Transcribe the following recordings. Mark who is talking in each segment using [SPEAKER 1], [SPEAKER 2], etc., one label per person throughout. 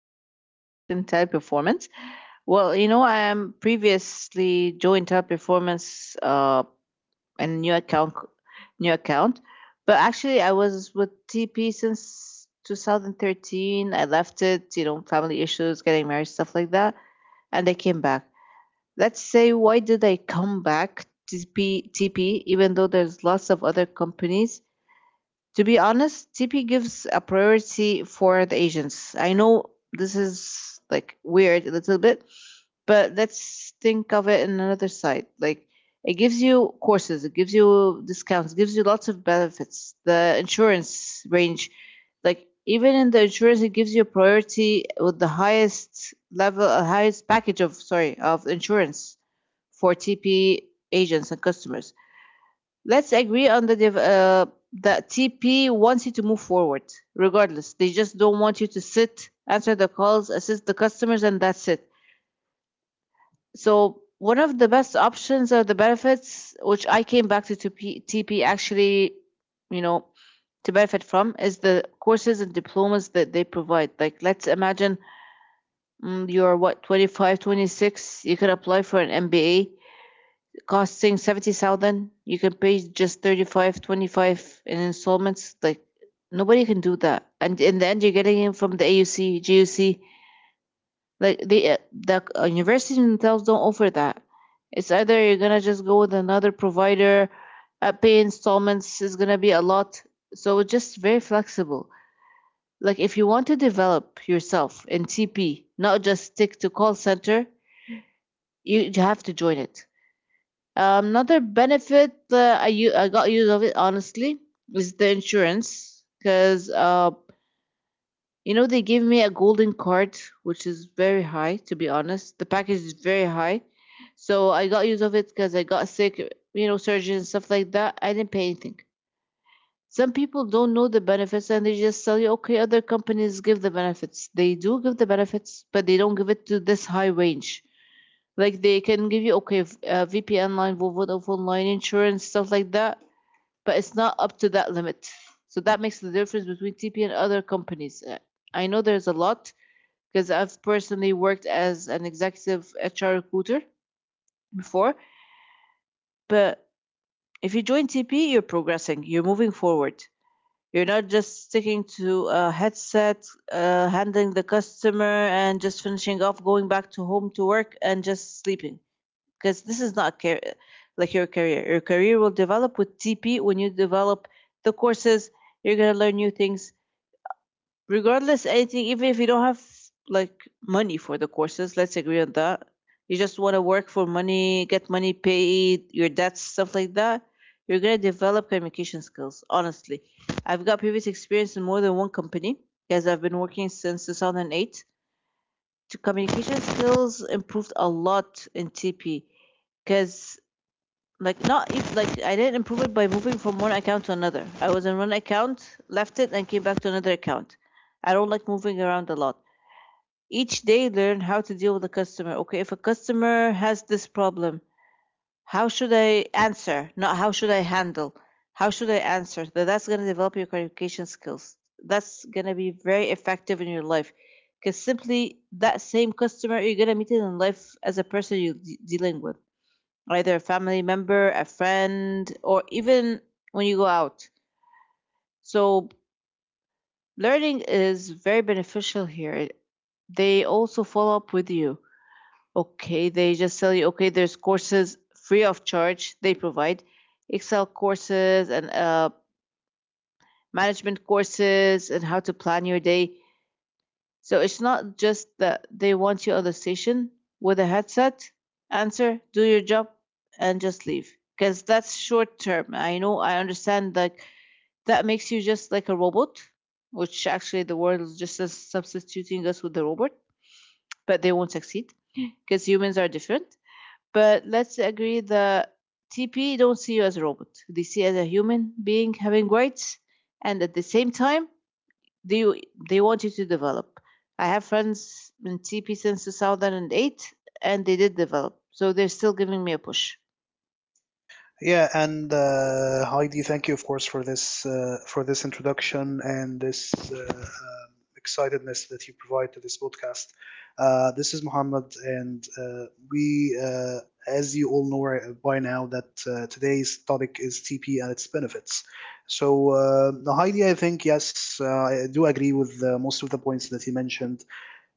[SPEAKER 1] Hassan. I worked in teleperformance. Well, you know, I am previously joined teleperformance, and new account, new account, but actually I was with TP since 2013. I left it, you know, family issues, getting married, stuff like that, and I came back. Let's say, why did I come back to TP even though there's lots of other companies? To be honest, TP gives a priority for the agents. I know this is like weird a little bit, but let's think of it in another side. Like it gives you courses, it gives you discounts, it gives you lots of benefits. The insurance range, like even in the insurance, it gives you a priority with the highest level, highest package of, sorry, of insurance for TP agents and customers. Let's agree on the that TP wants you to move forward, regardless. They just don't want you to sit, answer the calls, assist the customers, and that's it. So one of the best options or the benefits, which I came back to TP, actually, you know, to benefit from, is the courses and diplomas that they provide. Like let's imagine, you're what, 25, 26, you could apply for an MBA costing 70,000, you can pay just 35, 25 in installments. Like nobody can do that. And in the end, you're getting it from the AUC, GUC. Like the universities themselves don't offer that. It's either you're gonna just go with another provider, pay installments is gonna be a lot. So it's just very flexible. Like if you want to develop yourself in TP, not just stick to call center, you have to join it. Another benefit I got use of it honestly is the insurance, because you know, they gave me a golden card, which is very high. To be honest, the package is very high, so I got use of it because I got sick, you know, surgery and stuff like that. I didn't pay anything. Some people don't know the benefits and they just tell you, okay, other companies give the benefits. They do give the benefits, but they don't give it to this high range. Like they can give you, okay, VPN line, Vodafone line, insurance stuff like that, but it's not up to that limit. So that makes the difference between TP and other companies. I know there's a lot because I've personally worked as an executive HR recruiter before, but if you join TP, you're progressing, you're moving forward. You're not just sticking to a headset, handling the customer, and just finishing off, going back to home to work, and just sleeping. Because this is not like your career. Your career will develop with TP when you develop the courses. You're gonna learn new things, regardless anything. Even if you don't have like money for the courses, let's agree on that. You just want to work for money, get money paid, your debts, stuff like that. You're gonna develop communication skills. Honestly, I've got previous experience in more than one company because I've been working since 2008. Communication skills improved a lot in TP because like not if like I didn't improve it by moving from one account to another. I was in one account, left it, and came back to another account. I don't like moving around a lot. Each day, learn how to deal with the customer. Okay, if a customer has this problem, how should I answer? Not how should I handle. How should I answer? That's gonna develop your communication skills. That's gonna be very effective in your life. Because simply that same customer you're gonna meet it in life as a person you're dealing with, either a family member, a friend, or even when you go out. So learning is very beneficial here. They also follow up with you. Okay, they just tell you, okay, there's courses free of charge they provide. Excel courses and management courses and how to plan your day. So it's not just that they want you on the station with a headset, answer, do your job, and just leave. Because that's short term. I know, I understand, like, that makes you just like a robot, which actually the world is just as substituting us with the robot, but they won't succeed because humans are different. But let's agree that TP don't see you as a robot. They see you as a human being having rights, and at the same time, they they want you to develop. I have friends in TP since 2008, and they did develop, so they're still giving me a push.
[SPEAKER 2] Yeah, and Heidi, thank you, of course, for this introduction and this excitedness that you provide to this podcast. This is Muhammad, and we, uh, as you all know, right, by now, that today's topic is TP and its benefits. So, Heidi, I think yes, I do agree with most of the points that you mentioned.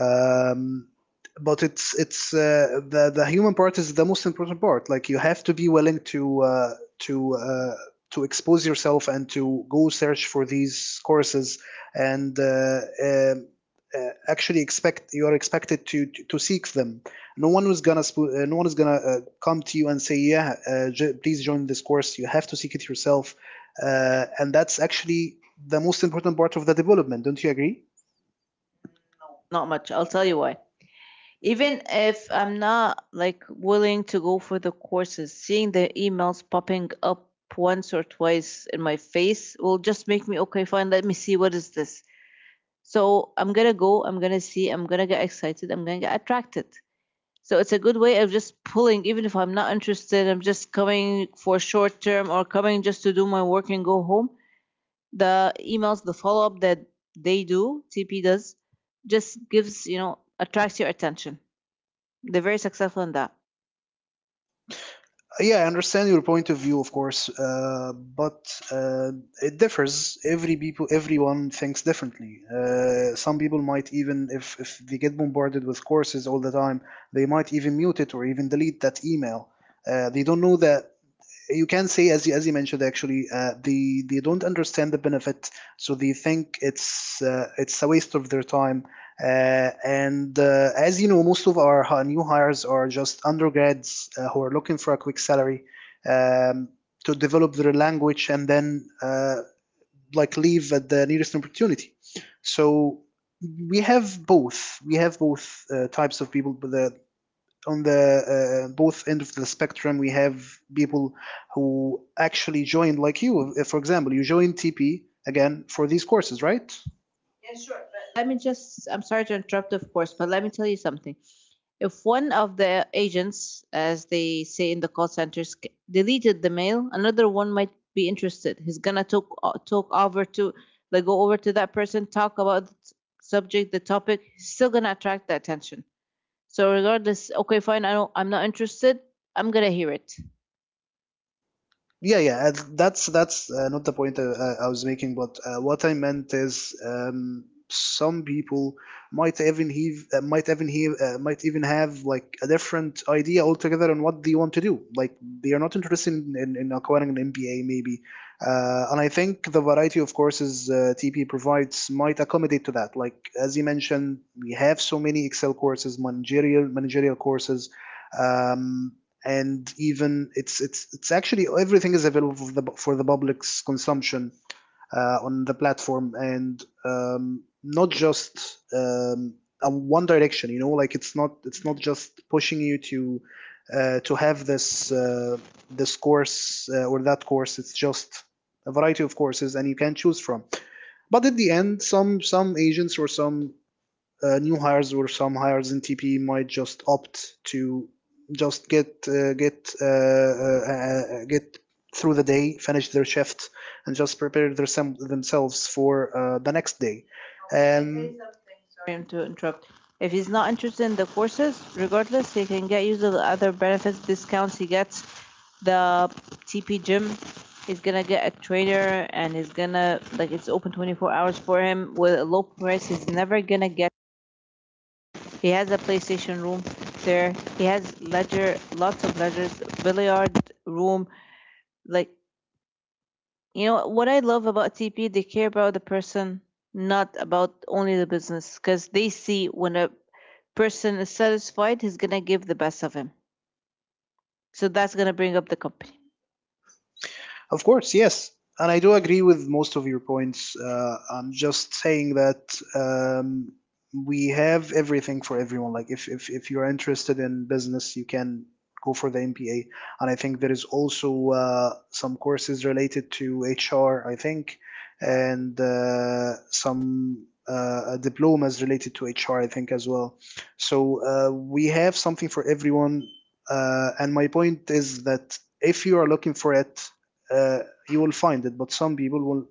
[SPEAKER 2] Um, but it's the human part is the most important part. Like you have to be willing to to uh, to expose yourself and to go search for these courses and uh, actually expect you are expected to, to seek them. No one is gonna spo- No one is gonna come to you and say, yeah, please join this course. You have to seek it yourself, and that's actually the most important part of the development. Don't you agree?
[SPEAKER 1] Not much. I'll tell you why. Even if I'm not like willing to go for the courses, seeing the emails popping up once or twice in my face will just make me, okay, fine, let me see what is this. So I'm gonna go. I'm gonna see. I'm gonna get excited. I'm gonna get attracted. So it's a good way of just pulling, even if I'm not interested, I'm just coming for short term or coming just to do my work and go home. The emails, the follow up that they do, TP does, just gives, you know, attracts your attention. They're very successful in that.
[SPEAKER 2] Yeah, I understand your point of view, of course, but it differs. Everyone thinks differently. Some people might even, if they get bombarded with courses all the time, they might even mute it or even delete that email. They don't know the, you can say, as you mentioned, actually, they don't understand the benefit, so they think it's a waste of their time, uh, and as you know, most of our new hires are just undergrads who are looking for a quick salary, um, to develop their language, and then like leave at the nearest opportunity. So we have both types of people, the on the both end of the spectrum. We have people who actually joined, like you. For example, you joined TP again for these courses, right?
[SPEAKER 1] Let me just, I'm sorry to interrupt, of course, but let me tell you something. If one of the agents, as they say in the call centers, deleted the mail, another one might be interested. He's gonna talk over to, like, go over to that person, talk about the subject, the topic. He's still gonna attract the attention. So regardless, okay, fine. I don't. I'm not interested. I'm gonna hear it.
[SPEAKER 2] Yeah, yeah. That's not the point I was making, but what I meant is, some people might even have might even have might even have like a different idea altogether on what they want to do. Like they are not interested in acquiring an MBA, maybe, and I think the variety of courses TP provides might accommodate to that. Like as you mentioned, we have so many Excel courses, managerial courses. Um, and even it's actually everything is available for the public's consumption on the platform, and not just a one direction, you know. Like it's not just pushing you to have this this course or that course. It's just a variety of courses, and you can choose from. But at the end, some agents or some new hires or some hires in TP might just opt to just get through the day, finish their shift, and just prepare their themselves for the next day. Um.
[SPEAKER 1] Him to interrupt. If he's not interested in the courses, regardless, he can get use of the other benefits, discounts he gets. The TP gym, he's gonna get a trainer, and he's gonna like it's open 24 hours for him with a low price. He's never gonna get. He has a PlayStation room there. He has leisure, lots of leisures, billiard room. Like, you know what I love about TP, they care about the person, not about only the business, because they see when a person is satisfied, he's gonna give the best of him. So that's gonna bring up the company.
[SPEAKER 2] Of course, yes. And I do agree with most of your points. I'm just saying that, we have everything for everyone. Like, if you're interested in business, you can go for the MPA. And I think there is also some courses related to HR, I think, and some diplomas related to HR, I think, as well. So we have something for everyone. And my point is that if you are looking for it, uh, you will find it. But some people will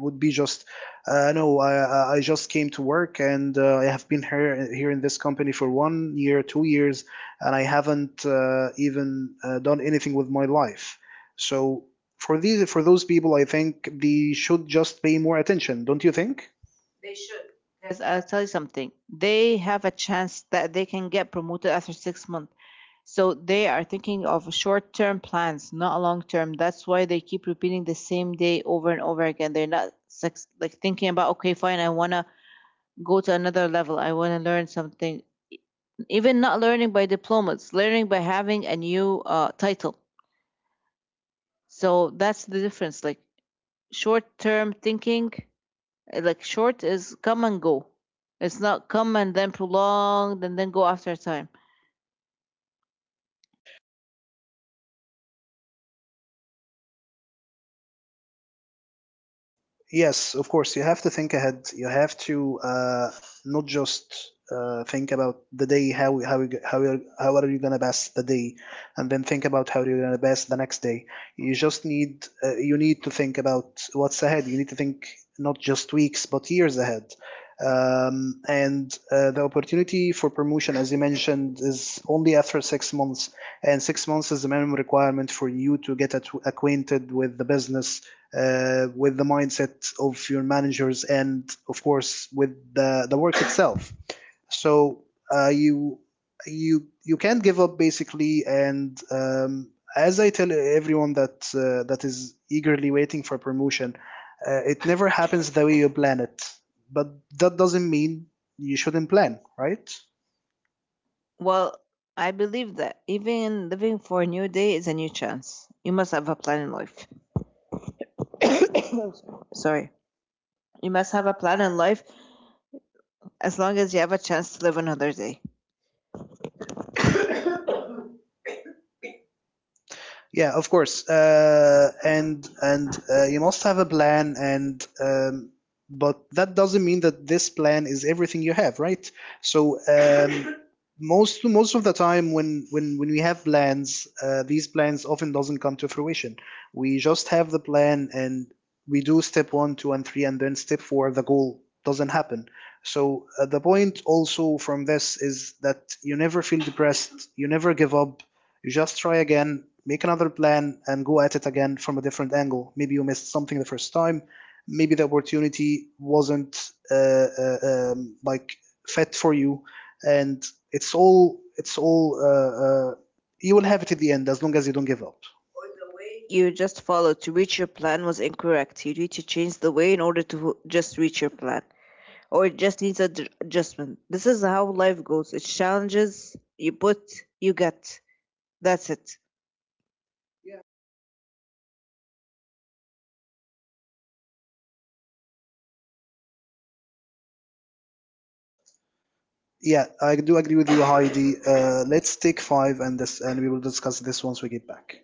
[SPEAKER 2] would be just, no, just came to work, and I have been here in this company for 1 year, 2 years, and I haven't even done anything with my life. So for these for those people, I think they should just pay more attention, don't you think?
[SPEAKER 1] 'Cause I'll tell you something. They have a chance that they can get promoted after 6 months. So they are thinking of short-term plans, not long-term. That's why they keep repeating the same day over and over again. They're not like thinking about, okay, fine, I wanna go to another level. I wanna learn something. Even not learning by diplomas, learning by having a new title. So that's the difference. Like short-term thinking. Like short is come and go. It's not come and then prolonged and then go after a time.
[SPEAKER 2] Yes, of course, you have to think ahead. You have to not just think about the day, how how are you gonna pass the day, and then think about how you're gonna pass the next day. You just need you need to think about what's ahead. You need to think not just weeks, but years ahead. And the opportunity for promotion, as you mentioned, is only after 6 months, and 6 months is the minimum requirement for you to get acquainted with the business, with the mindset of your managers, and of course with the work itself. So uh, you you can't give up, basically. And as I tell everyone, that that is eagerly waiting for promotion, it never happens the way you plan it. But that doesn't mean you shouldn't plan, right?
[SPEAKER 1] Well, I believe that even living for a new day is a new chance. You must have a plan in life. Sorry. You must have a plan in life as long as you have a chance to live another day.
[SPEAKER 2] Yeah, of course. And you must have a plan, and, but that doesn't mean that this plan is everything you have, right? So, most of the time, when when we have plans, these plans often doesn't come to fruition. We just have the plan, and we do step one, two, and three, and then step four, the goal doesn't happen. So the point also from this is that you never feel depressed, you never give up, you just try again, make another plan, and go at it again from a different angle. Maybe you missed something the first time. Maybe the opportunity wasn't like fit for you, and it's all uh, you will have it at the end, as long as you don't give up.
[SPEAKER 1] You just followed to reach your plan was incorrect. You need to change the way in order to just reach your plan. Or it just needs an adjustment. This is how life goes. It's challenges you put, you get. That's it.
[SPEAKER 2] Yeah, I do agree with you, Heidi. Let's take five and this, and we will discuss this once we get back.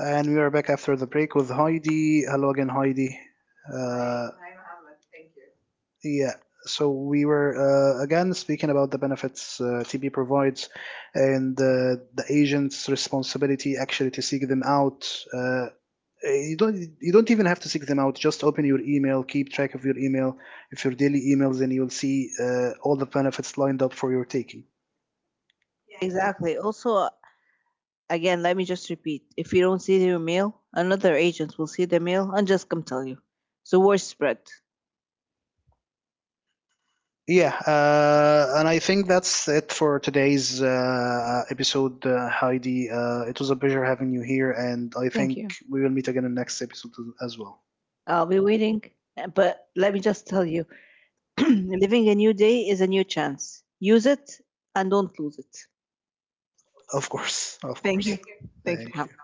[SPEAKER 2] And we are back after the break with Heidi. Hello again, Heidi. Hi, Mohammed. Thank you. Yeah, so we were again speaking about the benefits TB provides, and the agent's responsibility actually to seek them out. Uh, you don't even have to seek them out. Just open your email, keep track of your email. If your daily emails, and you'll see all the benefits lined up for your taking.
[SPEAKER 1] Exactly. Also, again, let me just repeat. If you don't see your mail, another agent will see the mail and just come tell you. It's the word spread.
[SPEAKER 2] Yeah, and I think that's it for today's episode, Heidi. It was a pleasure having you here, and I
[SPEAKER 1] Thank
[SPEAKER 2] think
[SPEAKER 1] you.
[SPEAKER 2] we will meet again in the next episode as well.
[SPEAKER 1] I'll be waiting. But let me just tell you living a new day is a new chance. Use it and don't lose it.
[SPEAKER 2] Of course, of course.
[SPEAKER 1] Thank
[SPEAKER 2] Thank you.
[SPEAKER 1] you. Thank
[SPEAKER 2] Thank
[SPEAKER 1] you,
[SPEAKER 2] you.
[SPEAKER 1] Mohammed.